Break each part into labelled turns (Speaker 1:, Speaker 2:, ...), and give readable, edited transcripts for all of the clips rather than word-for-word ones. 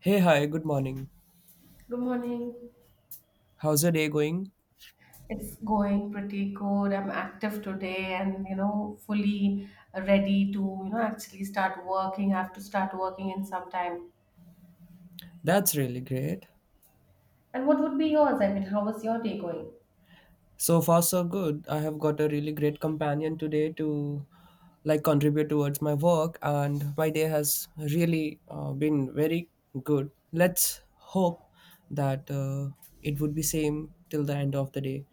Speaker 1: Hey, hi, good morning.
Speaker 2: Good morning.
Speaker 1: How's your day going?
Speaker 2: It's going pretty good. I'm active today and fully ready to actually start working. I have to start working in some time.
Speaker 1: That's really great.
Speaker 2: And what would be yours? I mean, how was your day going?
Speaker 1: So far, so good. I have got a really great companion today to like contribute towards my work, and my day has really been very good. Let's hope that it would be same till the end of the day.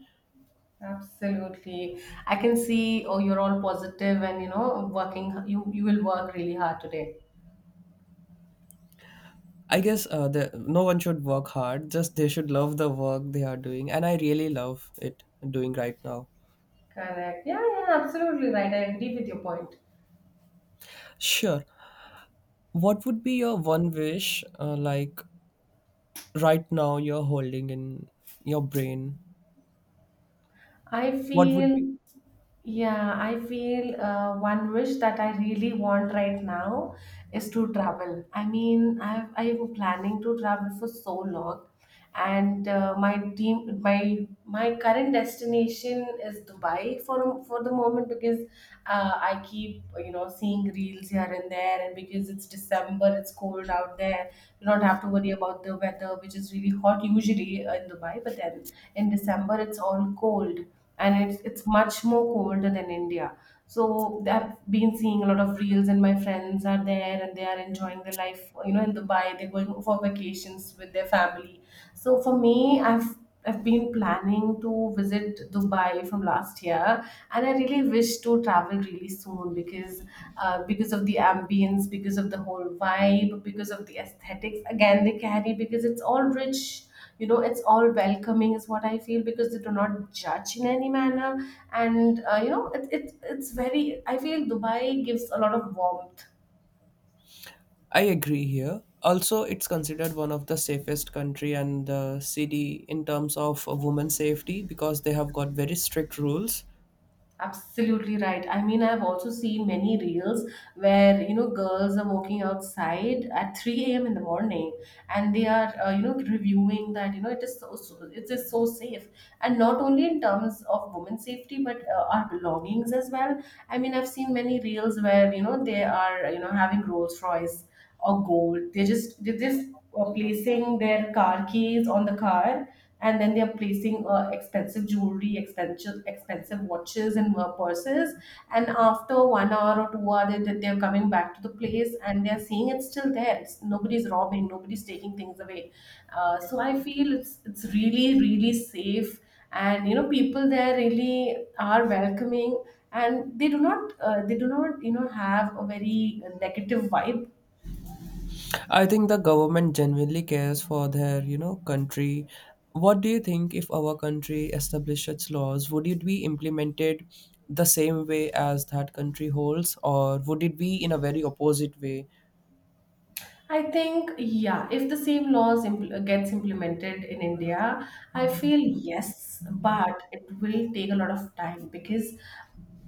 Speaker 2: Absolutely. I can see, oh, you're all positive and working, you will work really hard today.
Speaker 1: I guess no one should work hard. Just they should love the work they are doing, and I really love it doing right now.
Speaker 2: Correct. Yeah, yeah, absolutely right. I agree with your point.
Speaker 1: Sure. What would be your one wish, like right now you're holding in your brain
Speaker 2: I
Speaker 1: what would
Speaker 2: feel
Speaker 1: be?
Speaker 2: Yeah, I feel one wish that I really want right now is to travel. I mean, I'm planning to travel for so long, and my team, my current destination is Dubai for the moment because I keep seeing reels here and there, and because it's December, it's cold out there. You don't have to worry about the weather, which is really hot usually in Dubai, but then in December it's all cold, and it's much more colder than India. So I've been seeing a lot of reels, and my friends are there and they are enjoying their life. In Dubai, they're going for vacations with their family. So for me, I've been planning to visit Dubai from last year, and I really wish to travel really soon because of the ambience, because of the whole vibe, because of the aesthetics. Again, they carry because it's all rich. It's all welcoming is what I feel, because they do not judge in any manner. And it's very. I feel Dubai gives a lot of warmth.
Speaker 1: I agree, here also it's considered one of the safest country and the city in terms of women's safety because they have got very strict rules.
Speaker 2: Absolutely right. I mean, I've also seen many reels where, girls are walking outside at 3 a.m. in the morning, and they are, reviewing that, it is so, it is so safe. And not only in terms of women's safety, but our belongings as well. I mean, I've seen many reels where, they are, having Rolls Royce or gold. They're just placing their car keys on the car, and then they're placing expensive jewelry, expensive watches and purses. And after 1 hour or 2 hour, they're coming back to the place and they're seeing it's still there. Nobody's robbing, nobody's taking things away. So I feel it's really really safe, and people there really are welcoming, and they do not have a very negative vibe.
Speaker 1: I think the government genuinely cares for their country. What do you think, if our country established its laws, would it be implemented the same way as that country holds, or would it be in a very opposite way?
Speaker 2: I think, yeah, if the same laws gets implemented in India, I feel yes, but it will take a lot of time because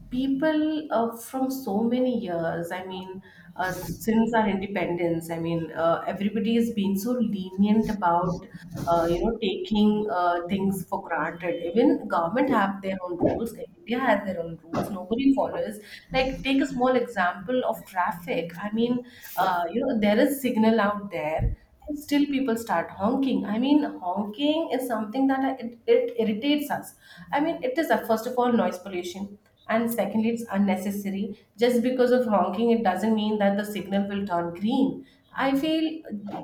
Speaker 2: people, from so many years, I mean, since our independence, I mean, everybody has been so lenient about taking things for granted. Even government have their own rules. India has their own rules. Nobody follows. Like, take a small example of traffic. I mean, there is signal out there, but still people start honking. I mean, honking is something that it irritates us. I mean, it is first of all, noise pollution. And secondly, it's unnecessary. Just because of honking, it doesn't mean that the signal will turn green. I feel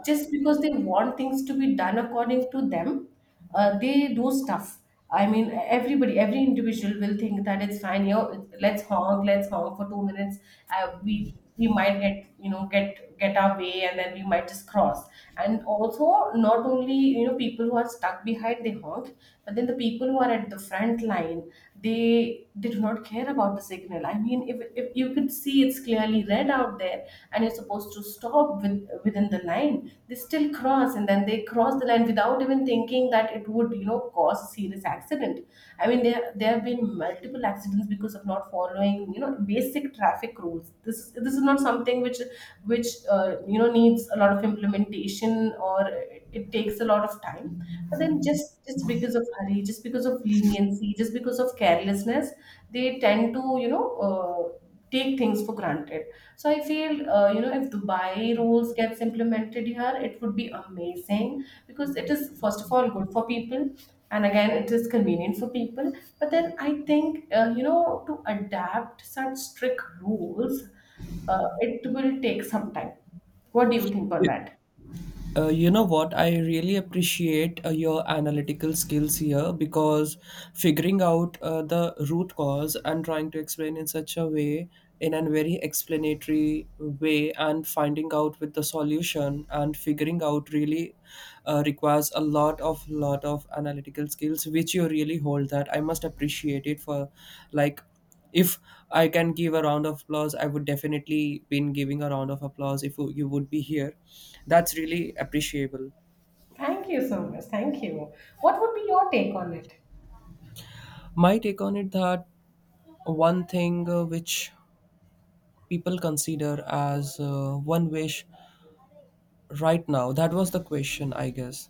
Speaker 2: just because they want things to be done according to them, they do stuff. I mean, everybody, every individual will think that it's fine. Let's honk, let's honk for 2 minutes. We might get, get our way, and then we might just cross. And also, not only people who are stuck behind, they honk, but then the people who are at the front line, they did not care about the signal. I mean, if you could see, it's clearly red out there, and you're supposed to stop within the line. They still cross, and then they cross the line without even thinking that it would, cause a serious accident. I mean, there have been multiple accidents because of not following, basic traffic rules. This is not something which needs a lot of implementation or it takes a lot of time. But then, just because of hurry, just because of leniency, just because of carelessness, they tend to take things for granted. So I feel, if Dubai rules gets implemented here, it would be amazing because it is, first of all, good for people. And again, it is convenient for people. But then I think, to adapt such strict rules, it will take some time. What do you think on that?
Speaker 1: You know what? I really appreciate your analytical skills here, because figuring out the root cause and trying to explain in such a way, in a very explanatory way, and finding out with the solution and figuring out really requires a lot of analytical skills, which you really hold. That I must appreciate it for, like. If I can give a round of applause, I would definitely been giving a round of applause if you would be here. That's really appreciable.
Speaker 2: Thank you so much. Thank you. What would be your take on it?
Speaker 1: My take on it that one thing which people consider as one wish right now, that was the question, I guess.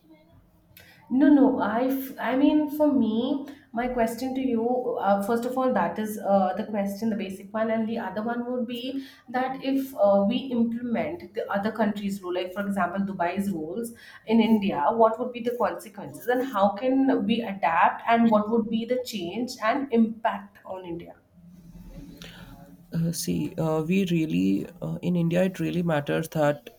Speaker 2: No, no. I mean, for me, my question to you, first of all, that is the question, the basic one, and the other one would be that if we implement the other countries' rule, like for example, Dubai's rules in India, what would be the consequences, and how can we adapt, and what would be the change and impact on India?
Speaker 1: See, we really in India, it really matters that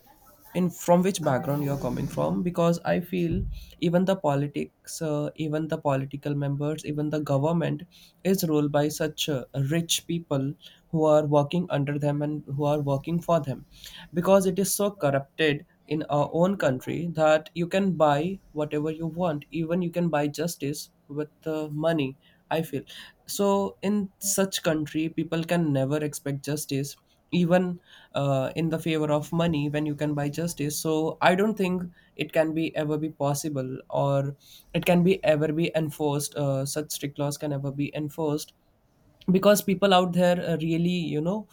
Speaker 1: in from which background you are coming from, because I feel even the politics, even the political members, even the government is ruled by such rich people who are working under them and who are working for them, because it is so corrupted in our own country that you can buy whatever you want, even you can buy justice with money, I feel. So in such country, people can never expect justice, even in the favor of money when you can buy justice. So I don't think it can be ever be possible, or it can be ever be enforced. Such strict laws can ever be enforced, because people out there really you know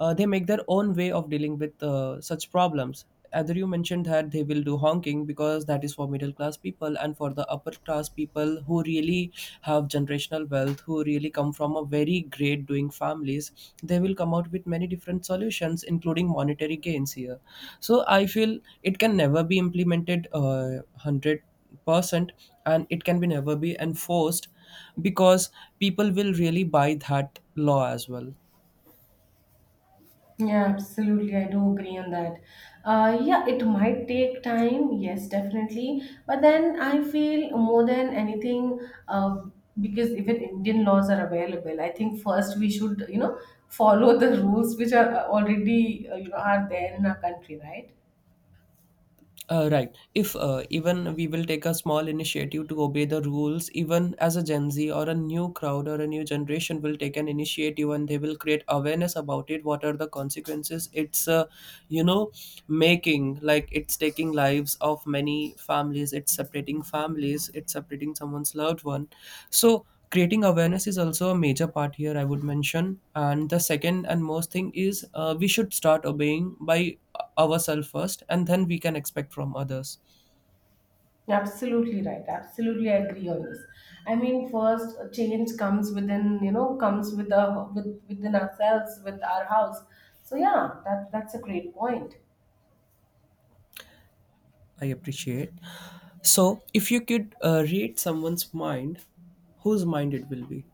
Speaker 1: uh, they make their own way of dealing with such problems. Either you mentioned that they will do honking, because that is for middle class people, and for the upper class people who really have generational wealth, who really come from a very great doing families, they will come out with many different solutions including monetary gains here. So I feel it can never be implemented 100 percent, and it can be never be enforced, because people will really buy that law as well.
Speaker 2: Yeah, absolutely. I do agree on that. Yeah, it might take time. Yes, definitely. But then I feel more than anything, uh, because even Indian laws are available. I think first we should, follow the rules which are already, are there in our country, right?
Speaker 1: Right, if even we will take a small initiative to obey the rules, even as a gen Z or a new crowd or a new generation will take an initiative, and they will create awareness about it. What are the consequences? It's, you know making like, it's taking lives of many families, it's separating families, it's separating someone's loved one. So creating awareness is also a major part here, I would mention. And the second and most thing is we should start obeying by ourselves first, and then we can expect from others.
Speaker 2: Absolutely right. Absolutely I agree on this. I mean, first change comes within, comes with within ourselves, with our house. So yeah, that's a great point.
Speaker 1: I appreciate. So, if you could read someone's mind, whose mind it will be?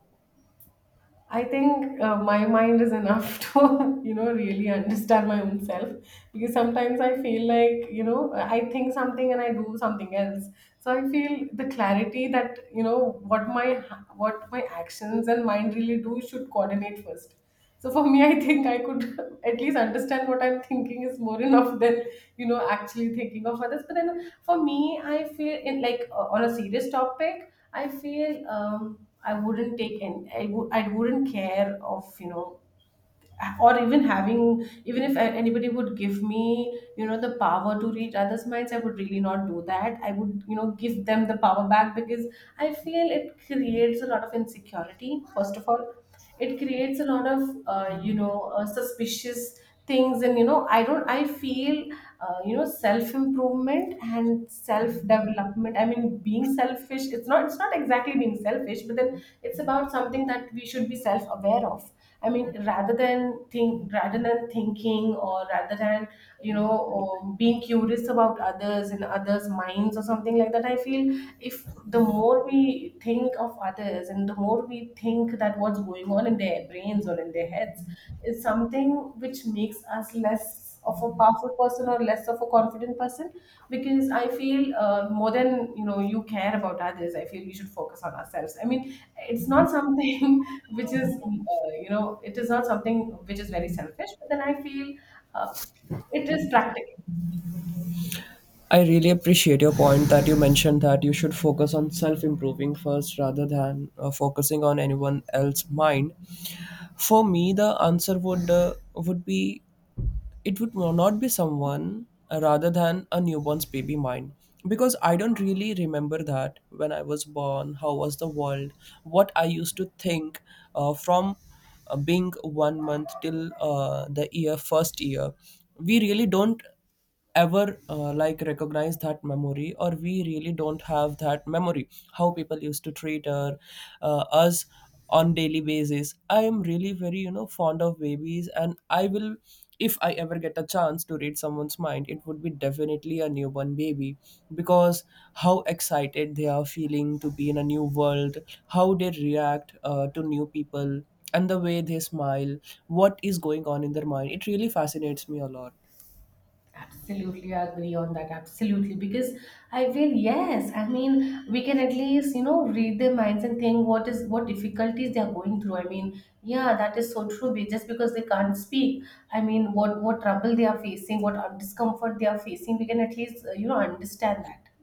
Speaker 2: I think my mind is enough to, really understand my own self, because sometimes I feel like, I think something and I do something else. So I feel the clarity that, what my actions and mind really do should coordinate first. So for me, I think I could at least understand what I'm thinking is more enough than actually thinking of others. But then for me, I feel, in like on a serious topic, I feel, I wouldn't take, and I wouldn't care of, or even having even if anybody would give me the power to read others' minds, I would really not do that. I would give them the power back, because I feel it creates a lot of insecurity, first of all. It creates a lot of suspicious things. And I don't I feel self improvement and self development, I mean, being selfish, it's not exactly being selfish, but then it's about something that we should be self aware of. I mean, rather than thinking, or rather than, you know being curious about others and others' minds or something like that, I feel if the more we think of others, and the more we think that what's going on in their brains or in their heads is something which makes us less of a powerful person or less of a confident person. Because I feel, more than, you care about others, I feel we should focus on ourselves. I mean, it's not something which is it is not something which is very selfish, but then I feel, uh, it is practical.
Speaker 1: I really appreciate your point that you mentioned that you should focus on self improving first rather than focusing on anyone else's mind. For me the answer would be, it would no, not be someone rather than a newborn's baby mind, because I don't really remember that when I was born, how was the world, what I used to think, from being 1 month till the year first year. We really don't ever like recognize that memory, or we really don't have that memory how people used to treat her, us, on daily basis. I am really very fond of babies, and I will, if I ever get a chance to read someone's mind, it would be definitely a newborn baby, because how excited they are feeling to be in a new world, how they react to new people, and the way they smile, what is going on in their mind, it really fascinates me a lot.
Speaker 2: Absolutely, I agree on that. Absolutely, because I feel yes. I mean, we can at least read their minds and think what difficulties they are going through. I mean, yeah, that is so true. Just because they can't speak, I mean, what trouble they are facing, what discomfort they are facing, we can at least understand that.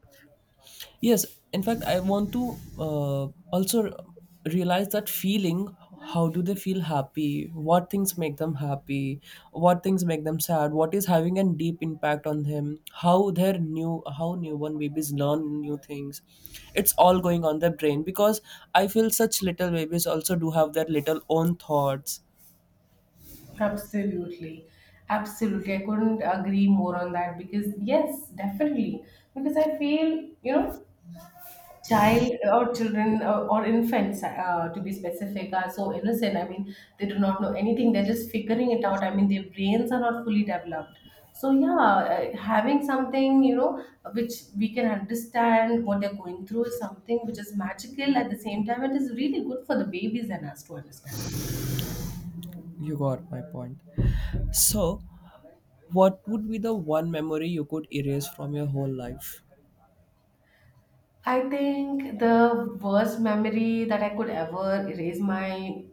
Speaker 1: Yes, in fact, I want to also realize that feeling. How do they feel happy? What things make them happy? What things make them sad? What is having a deep impact on them? How newborn babies learn new things? It's all going on their brain, because I feel such little babies also do have their little own thoughts.
Speaker 2: Absolutely. Absolutely. I couldn't agree more on that because, yes, definitely. Because I feel, child or children or infants, to be specific, are so innocent. I mean, they do not know anything. They're just figuring it out. I mean, their brains are not fully developed. So, yeah, having something, which we can understand what they're going through is something which is magical at the same time. It is really good for the babies and us to understand.
Speaker 1: You got my point. So, what would be the one memory you could erase from your whole life?
Speaker 2: I think the worst memory that I could ever erase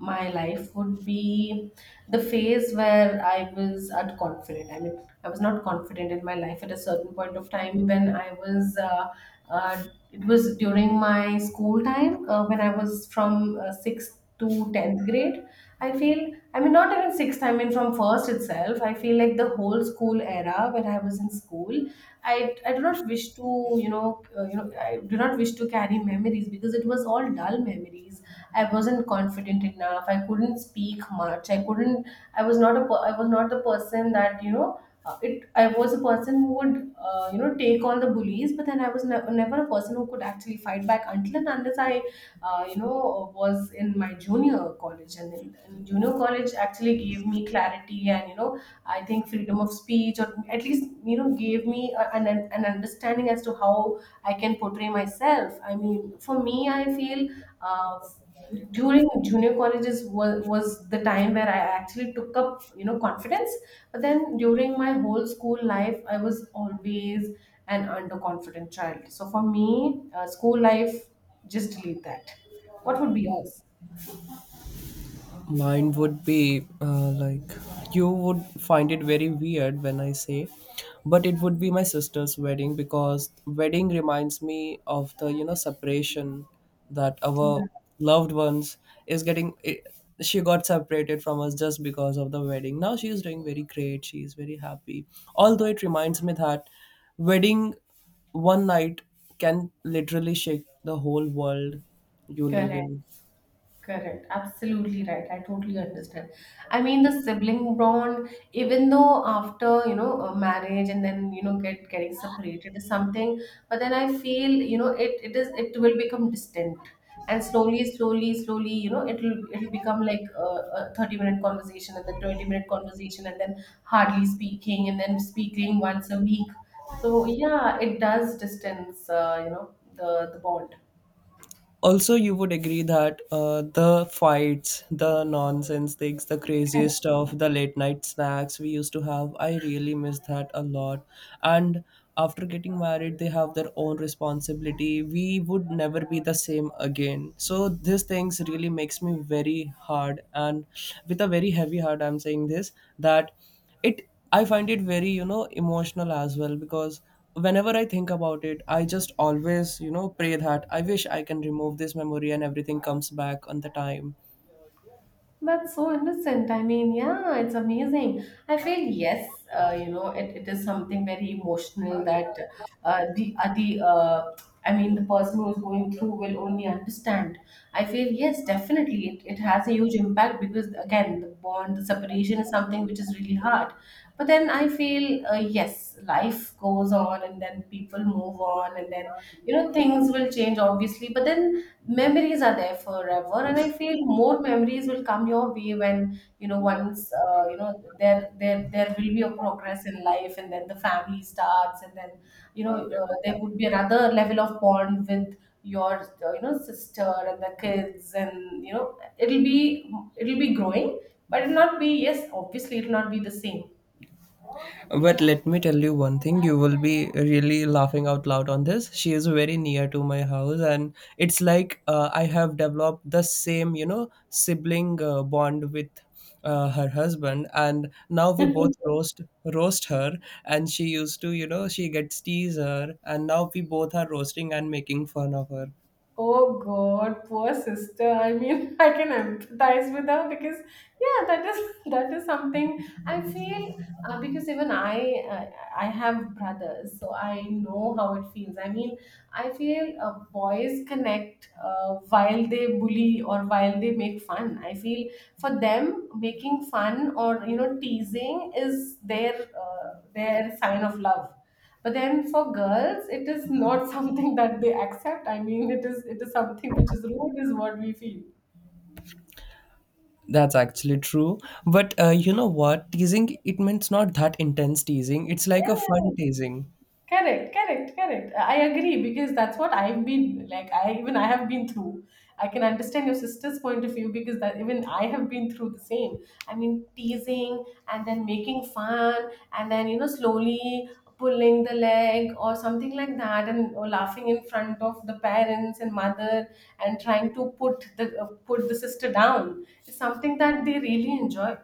Speaker 2: my life would be the phase where I was unconfident. I mean, I was not confident in my life at a certain point of time when I was. Uh, it was during my school time when I was from sixth to 10th grade. I feel, I mean, not even sixth. I mean, from first itself. I feel like the whole school era when I was in school. I do not wish to I do not wish to carry memories because it was all dull memories. I wasn't confident enough. I couldn't speak much. I couldn't. I was not the person that you know. It. I was a person who would you know take on the bullies, but then I was never a person who could actually fight back until and unless I you know was in my junior college and junior college actually gave me clarity and you know I think freedom of speech, or at least you know, gave me a, an understanding as to how I can portray myself. I mean, for me, I feel uh, during junior colleges was the time where I actually took up you know confidence. But then during my whole school life, I was always an underconfident child. So for me, school life, just delete that. What would be yours?
Speaker 1: Mine would be like, you would find it very weird when I say, but it would be my sister's wedding, because wedding reminds me of the separation that
Speaker 2: Yeah.
Speaker 1: our loved ones is getting. She got separated from us just because of the wedding. Now she is doing very great. She is very happy. Although it reminds me that wedding one night can literally shake the whole world you live
Speaker 2: Correct.
Speaker 1: in.
Speaker 2: Correct. Absolutely right. I totally understand. I mean, the sibling bond, even though after, you know, a marriage and then, you know, getting separated is something, but then I feel, you know, it will become distant. And slowly, slowly, slowly, you know, it'll become like a 30-minute conversation and then 20-minute conversation and then hardly speaking and then speaking once a week. So yeah, it does distance, you know, the bond.
Speaker 1: Also, you would agree that the fights, the nonsense things, the crazy stuff, the late night snacks we used to have, I really miss that a lot. And after getting married, they have their own responsibility, we would never be the same again. So these things really makes me very hard, and with a very heavy heart I'm saying this, that it I find it very emotional as well, because whenever I think about it, I just always pray that I wish I can remove this memory and everything comes back on the time.
Speaker 2: That's so innocent. I mean, yeah, it's amazing. I feel yes, you know, it is something very emotional that the I mean, the person who's going through will only understand. I feel yes, definitely, it has a huge impact because again, the bond, the separation is something which is really hard. But then I feel yes, life goes on, and then people move on, and then you know things will change obviously, but then memories are there forever, and I feel more memories will come your way when you know once you know there will be a progress in life and then the family starts and then there would be another level of bond with your you know sister and the kids, and you know it'll be growing, but it'll not be, yes obviously it'll not be the same.
Speaker 1: But let me tell you one thing, you will be really laughing out loud on this. She is very near to my house, and it's like I have developed the same, you know, sibling bond with her husband, and now we both roast her, and she used to, you know, she gets tease her, and now we both are roasting and making fun of her.
Speaker 2: Oh God, poor sister. I mean, I can empathize with her because, yeah, that is that is something I feel because even I have brothers, so I know how it feels. I mean, I feel boys connect while they bully or while they make fun. I feel for them making fun or you know teasing is their sign of love, but then for girls, it is not something that they accept. I mean, it is something which is rude, is what we feel.
Speaker 1: That's actually true. But you know what? Teasing, it means not that intense teasing. It's like a fun
Speaker 2: Yeah.
Speaker 1: teasing.
Speaker 2: Correct, correct, correct. I agree because that's what I've been like. I even I have been through. I can understand your sister's point of view because that even I have been through the same. I mean, teasing and then making fun and then you know slowly pulling the leg or something like that, and or laughing in front of the parents and mother and trying to put the sister down is something that they really enjoy.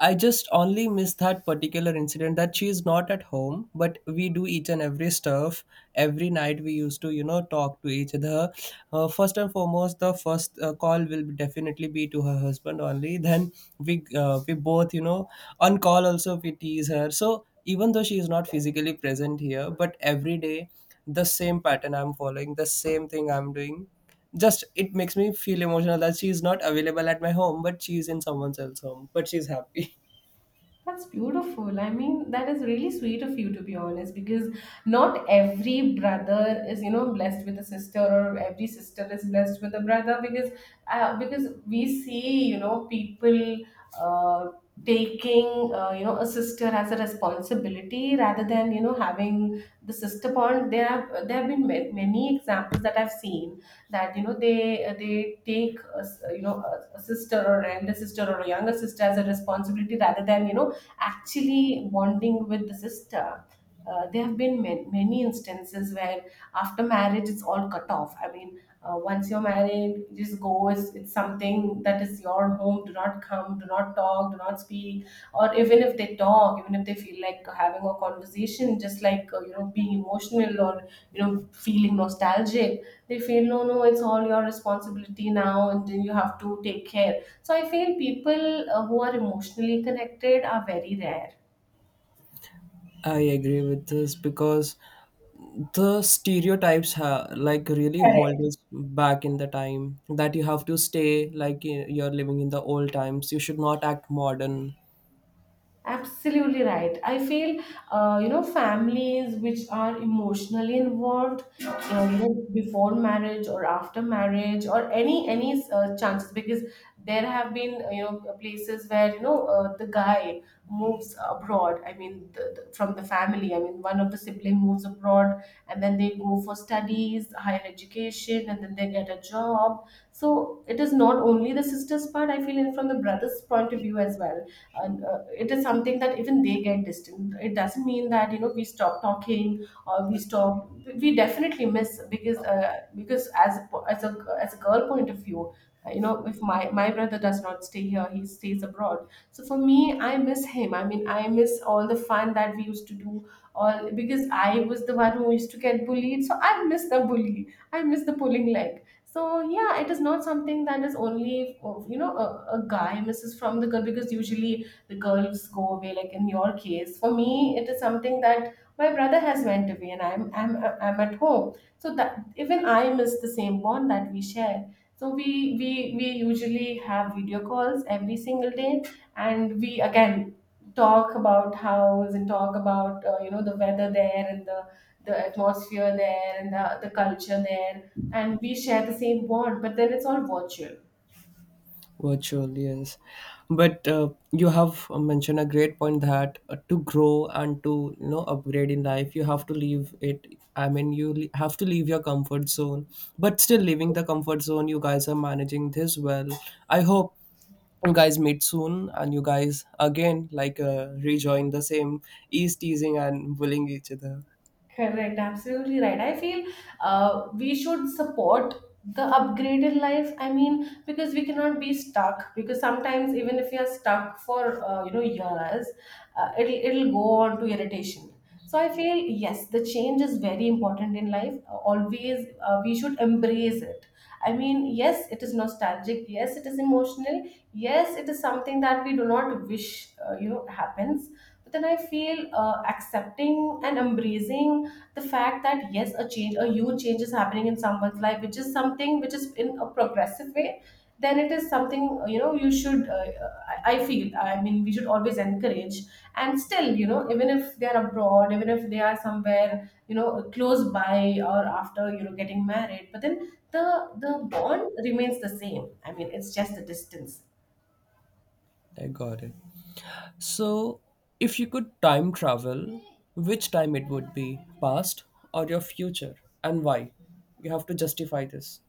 Speaker 1: I just only miss that particular incident that she is not at home, but we do each and every stuff. Every night we used to, you know, talk to each other. First and foremost, the first call will definitely be to her husband only. Then we both, you know, on call also we tease her. So even though she is not physically present here, but every day the same pattern I'm following, the same thing I'm doing. Just it makes me feel emotional that she's not available at my home, but she's in someone else's home, but she's happy.
Speaker 2: That's beautiful. I mean, that is really sweet of you, to be honest, because not every brother is, you know, blessed with a sister, or every sister is blessed with a brother, because we see, you know, people uh, taking, you know, a sister as a responsibility rather than, you know, having the sister bond. There have been many examples that I've seen that you know they you know, a sister or an elder sister or a younger sister as a responsibility rather than you know actually bonding with the sister. There have been many, many instances where after marriage it's all cut off. I mean, once you're married, you just go. It's something that is your home. Do not come. Do not talk. Do not speak, or even if they talk, even if they feel like having a conversation just like you know being emotional or you know feeling nostalgic, they feel no, no, it's all your responsibility now and then you have to take care. So I feel people who are emotionally connected are very rare.
Speaker 1: I agree with this because the stereotypes like really hold us back in the time that you have to stay like you're living in the old times, you should not act modern.
Speaker 2: Absolutely right. I feel, you know, families which are emotionally involved, you know, before marriage or after marriage or any chances because there have been you know places where you know the guy moves abroad. I mean, from the family. I mean, one of the sibling moves abroad, and then they go for studies, higher education, and then they get a job. So it is not only the sister's part. I feel it from the brother's point of view as well, and it is something that even they get distant, it doesn't mean that you know we stop talking or we stop. We definitely miss because as a, po- as a girl point of view, you know if my brother does not stay here, he stays abroad, so for me I miss him. I mean, I miss all the fun that we used to do, all because I was the one who used to get bullied, so I miss the bully, I miss the pulling leg. So yeah, it is not something that is only you know a guy misses from the girl because usually the girls go away. Like in your case, for me it is something that my brother has went away, and I'm at home, so that even I miss the same bond that we share. So we we usually have video calls every single day, and we again talk about house and talk about you know the weather there and the atmosphere there and the culture there, and we share the same bond, but then it's all virtual.
Speaker 1: Virtual, yes. But you have mentioned a great point that to grow and to upgrade in life, you have to leave it. I mean, you have to leave your comfort zone, but still leaving the comfort zone, you guys are managing this well. I hope you guys meet soon, and you guys again like rejoin the same ease teasing and bullying each other.
Speaker 2: Correct, absolutely right. I feel we should support the upgraded life. I mean, because we cannot be stuck. Because sometimes, even if you are stuck for you know years, it'll go on to irritation. So I feel yes, the change is very important in life. Always, we should embrace it. I mean, yes, it is nostalgic. Yes, it is emotional. Yes, it is something that we do not wish you know happens, but then I feel accepting and embracing the fact that yes, a change, a huge change is happening in someone's life, which is something which is in a progressive way. Then it is something you know you should. I feel. I mean, we should always encourage. And still, you know, even if they are abroad, even if they are somewhere you know close by or after you know getting married, but then the the bond remains the same. I mean, it's just the distance.
Speaker 1: I got it. So, if you could time travel, which time it would be? Past or your future? And why? You have to justify this.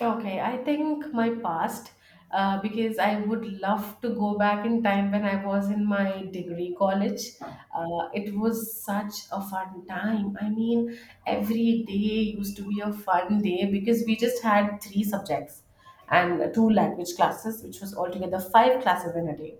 Speaker 2: Okay, I think my past, because I would love to go back in time when I was in my degree college. It was such a fun time. I mean, every day used to be a fun day because we just had three subjects and two language classes, which was altogether five classes in a day.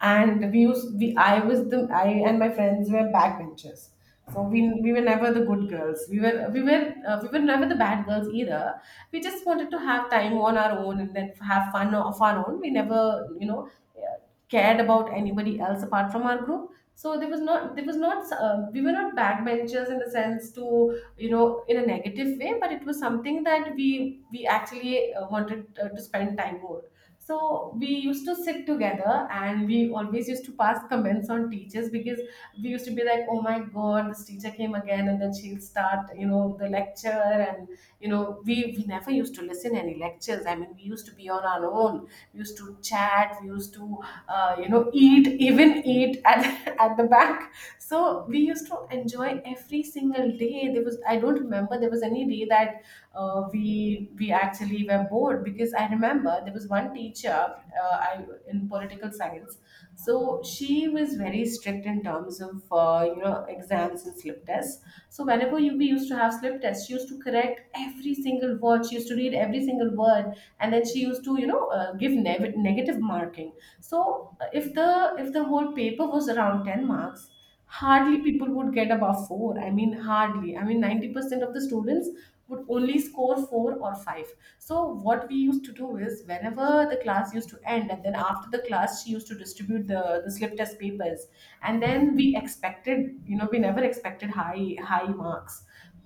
Speaker 2: And we used, we, I was the, I and my friends were backbenchers. So we were never the good girls. We were never the bad girls either. We just wanted to have time on our own and then have fun of our own. We never you know uh, cared about anybody else apart from our group. So there was not we were not backbenchers in the sense to you know in a negative way, but it was something that we actually wanted to spend time more. So we used to sit together and we always used to pass comments on teachers because we used to be like, oh my god, this teacher came again, and then she'll start you know the lecture. And you know we never used to listen any lectures. I mean, we used to be on our own. We used to chat. We used to you know eat, even eat at, at the back. So we used to enjoy every single day. There was, I don't remember there was any day that we actually were bored. Because I remember there was one teacher in political science, so she was very strict in terms of you know exams and slip tests. So whenever we used to have slip tests, she used to correct every single word. She used to read every single word, and then she used to, you know, negative marking. So if the whole paper was around ten marks, hardly people would get above four. I mean, hardly. I mean, 90% of the students would only score four or five. So what we used to do is whenever the class used to end, and then after the class, she used to distribute the slip test papers. And then we expected, you know, we never expected high marks.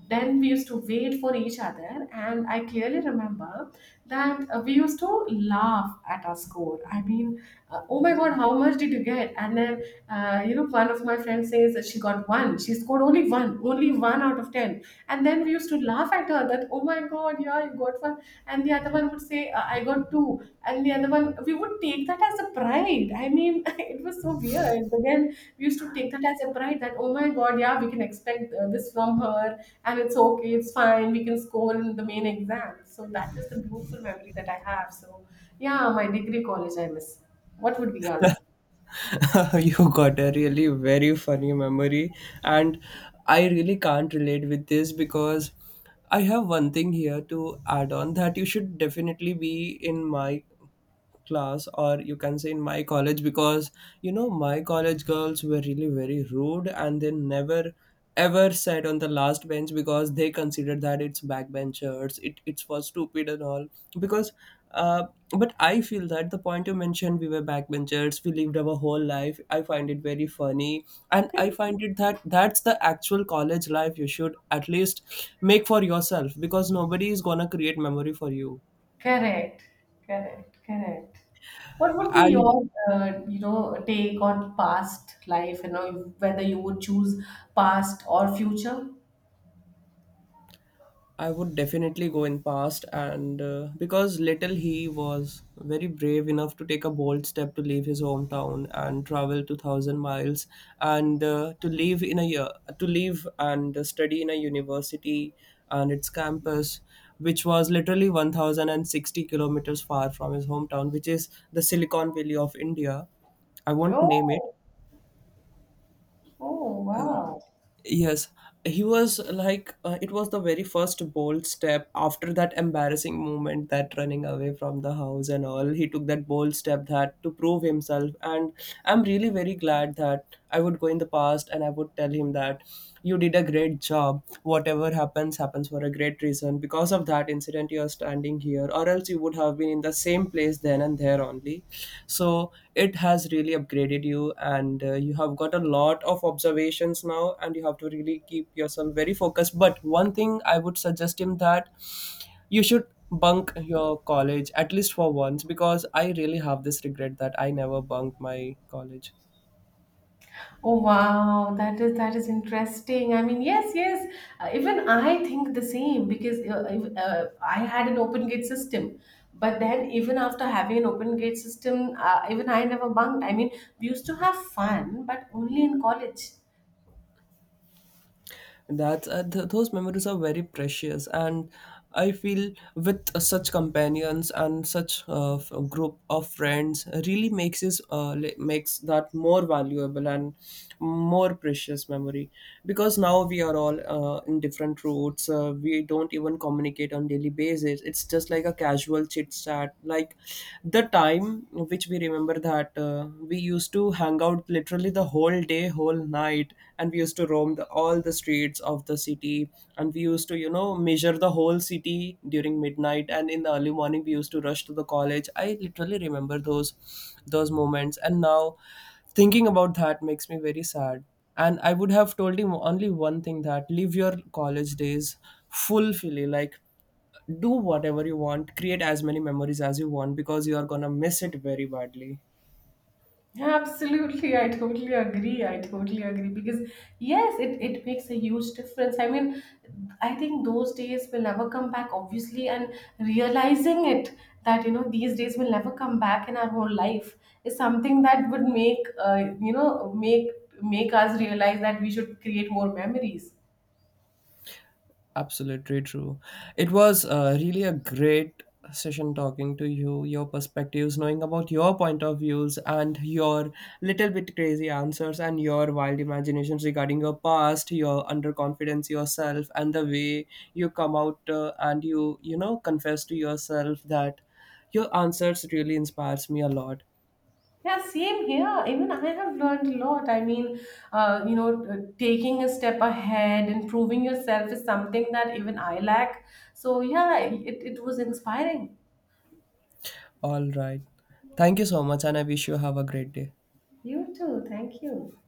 Speaker 2: Then we used to wait for each other, and I clearly remember that we used to laugh at our score. I mean, oh my god, how much did you get? And then you know, one of my friends says that she scored only one, only one out of ten. And then we used to laugh at her that, oh my god, yeah, you got one. And the other one would say, I got two. And the other one, we would take that as a pride. I mean, it was so weird, but then we used to take that as a pride that, oh my god, yeah, we can expect this from her. And it's okay, it's fine, we can score in the main exam. So that is the beautiful memory that I have. So yeah, my degree college I miss. What would be yours?
Speaker 1: You got a really very funny memory, and I really can't relate with this, because I have one thing here to add on that, you should definitely be in my class, or you can say in my college, because you know my college girls were really very rude, and they never ever sat on the last bench, because they considered that it's backbenchers, it it's for stupid and all, because uh, but I feel that the point you mentioned, we were backbenchers, we lived our whole life, I find it very funny. And I find it that that's the actual college life, you should at least make for yourself, because nobody is gonna create memory for you.
Speaker 2: Correct, correct, correct. What would be
Speaker 1: And
Speaker 2: your, you know, take on past life? You know, whether you would choose past or future.
Speaker 1: I would definitely go in past, and because little he was very brave enough to take a bold step to leave his hometown and travel 2,000 miles, and to live in a year, to live and study in a university and its campus, which was literally 1,060 kilometers far from his hometown, which is the Silicon Valley of India. I won't name it.
Speaker 2: Oh, oh,
Speaker 1: Yes, he was like, it was the very first bold step after that embarrassing moment, that running away from the house and all. He took that bold step that to prove himself. And I'm really very glad that I would go in the past and I would tell him that you did a great job. Whatever happens, happens for a great reason. Because of that incident, you are standing here or else you would have been in the same place then and there only. So it has really upgraded you, and you have got a lot of observations now, and you have to really keep yourself very focused. But one thing I would suggest him, that you should bunk your college at least for once, because I really have this regret that I never bunked my college.
Speaker 2: oh, wow. That is interesting. I mean, yes, yes. Even I think the same because I had an open gate system. But then, even after having an open gate system, even I never bunked. I mean, we used to have fun, but only in college.
Speaker 1: That's those memories are very precious, and I feel with such companions and such group of friends really makes that more valuable and more precious memory. Because now we are all in different routes. We don't even communicate on daily basis. It's just like a casual chit chat. Like the time which we remember that we used to hang out literally the whole day, whole night, and we used to roam all the streets of the city, and we used to you know measure the whole city during midnight, and in the early morning we used to rush to the college. I literally remember those moments, and now thinking about that makes me very sad. And I would have told him only one thing, that live your college days fully, like do whatever you want, create as many memories as you want, because you are gonna miss it very badly.
Speaker 2: Absolutely, I totally agree. I totally agree because yes, it makes a huge difference. I mean, I think those days will never come back, obviously, and realizing it that you know these days will never come back in our whole life is something that would make you know make us realize that we should create more memories.
Speaker 1: Absolutely true. It was really a great session talking to you, your perspectives, knowing about your point of views and your little bit crazy answers and your wild imaginations regarding your past, your underconfidence yourself, and the way you come out and you know, confess to yourself that your answers really inspires me a lot.
Speaker 2: Yeah, same here. Even I have learned a lot. I mean, you know, taking a step ahead and proving yourself is something that even I lack. So, yeah, it was inspiring.
Speaker 1: All right. Thank you so much and I wish you have a great day.
Speaker 2: You too. Thank you.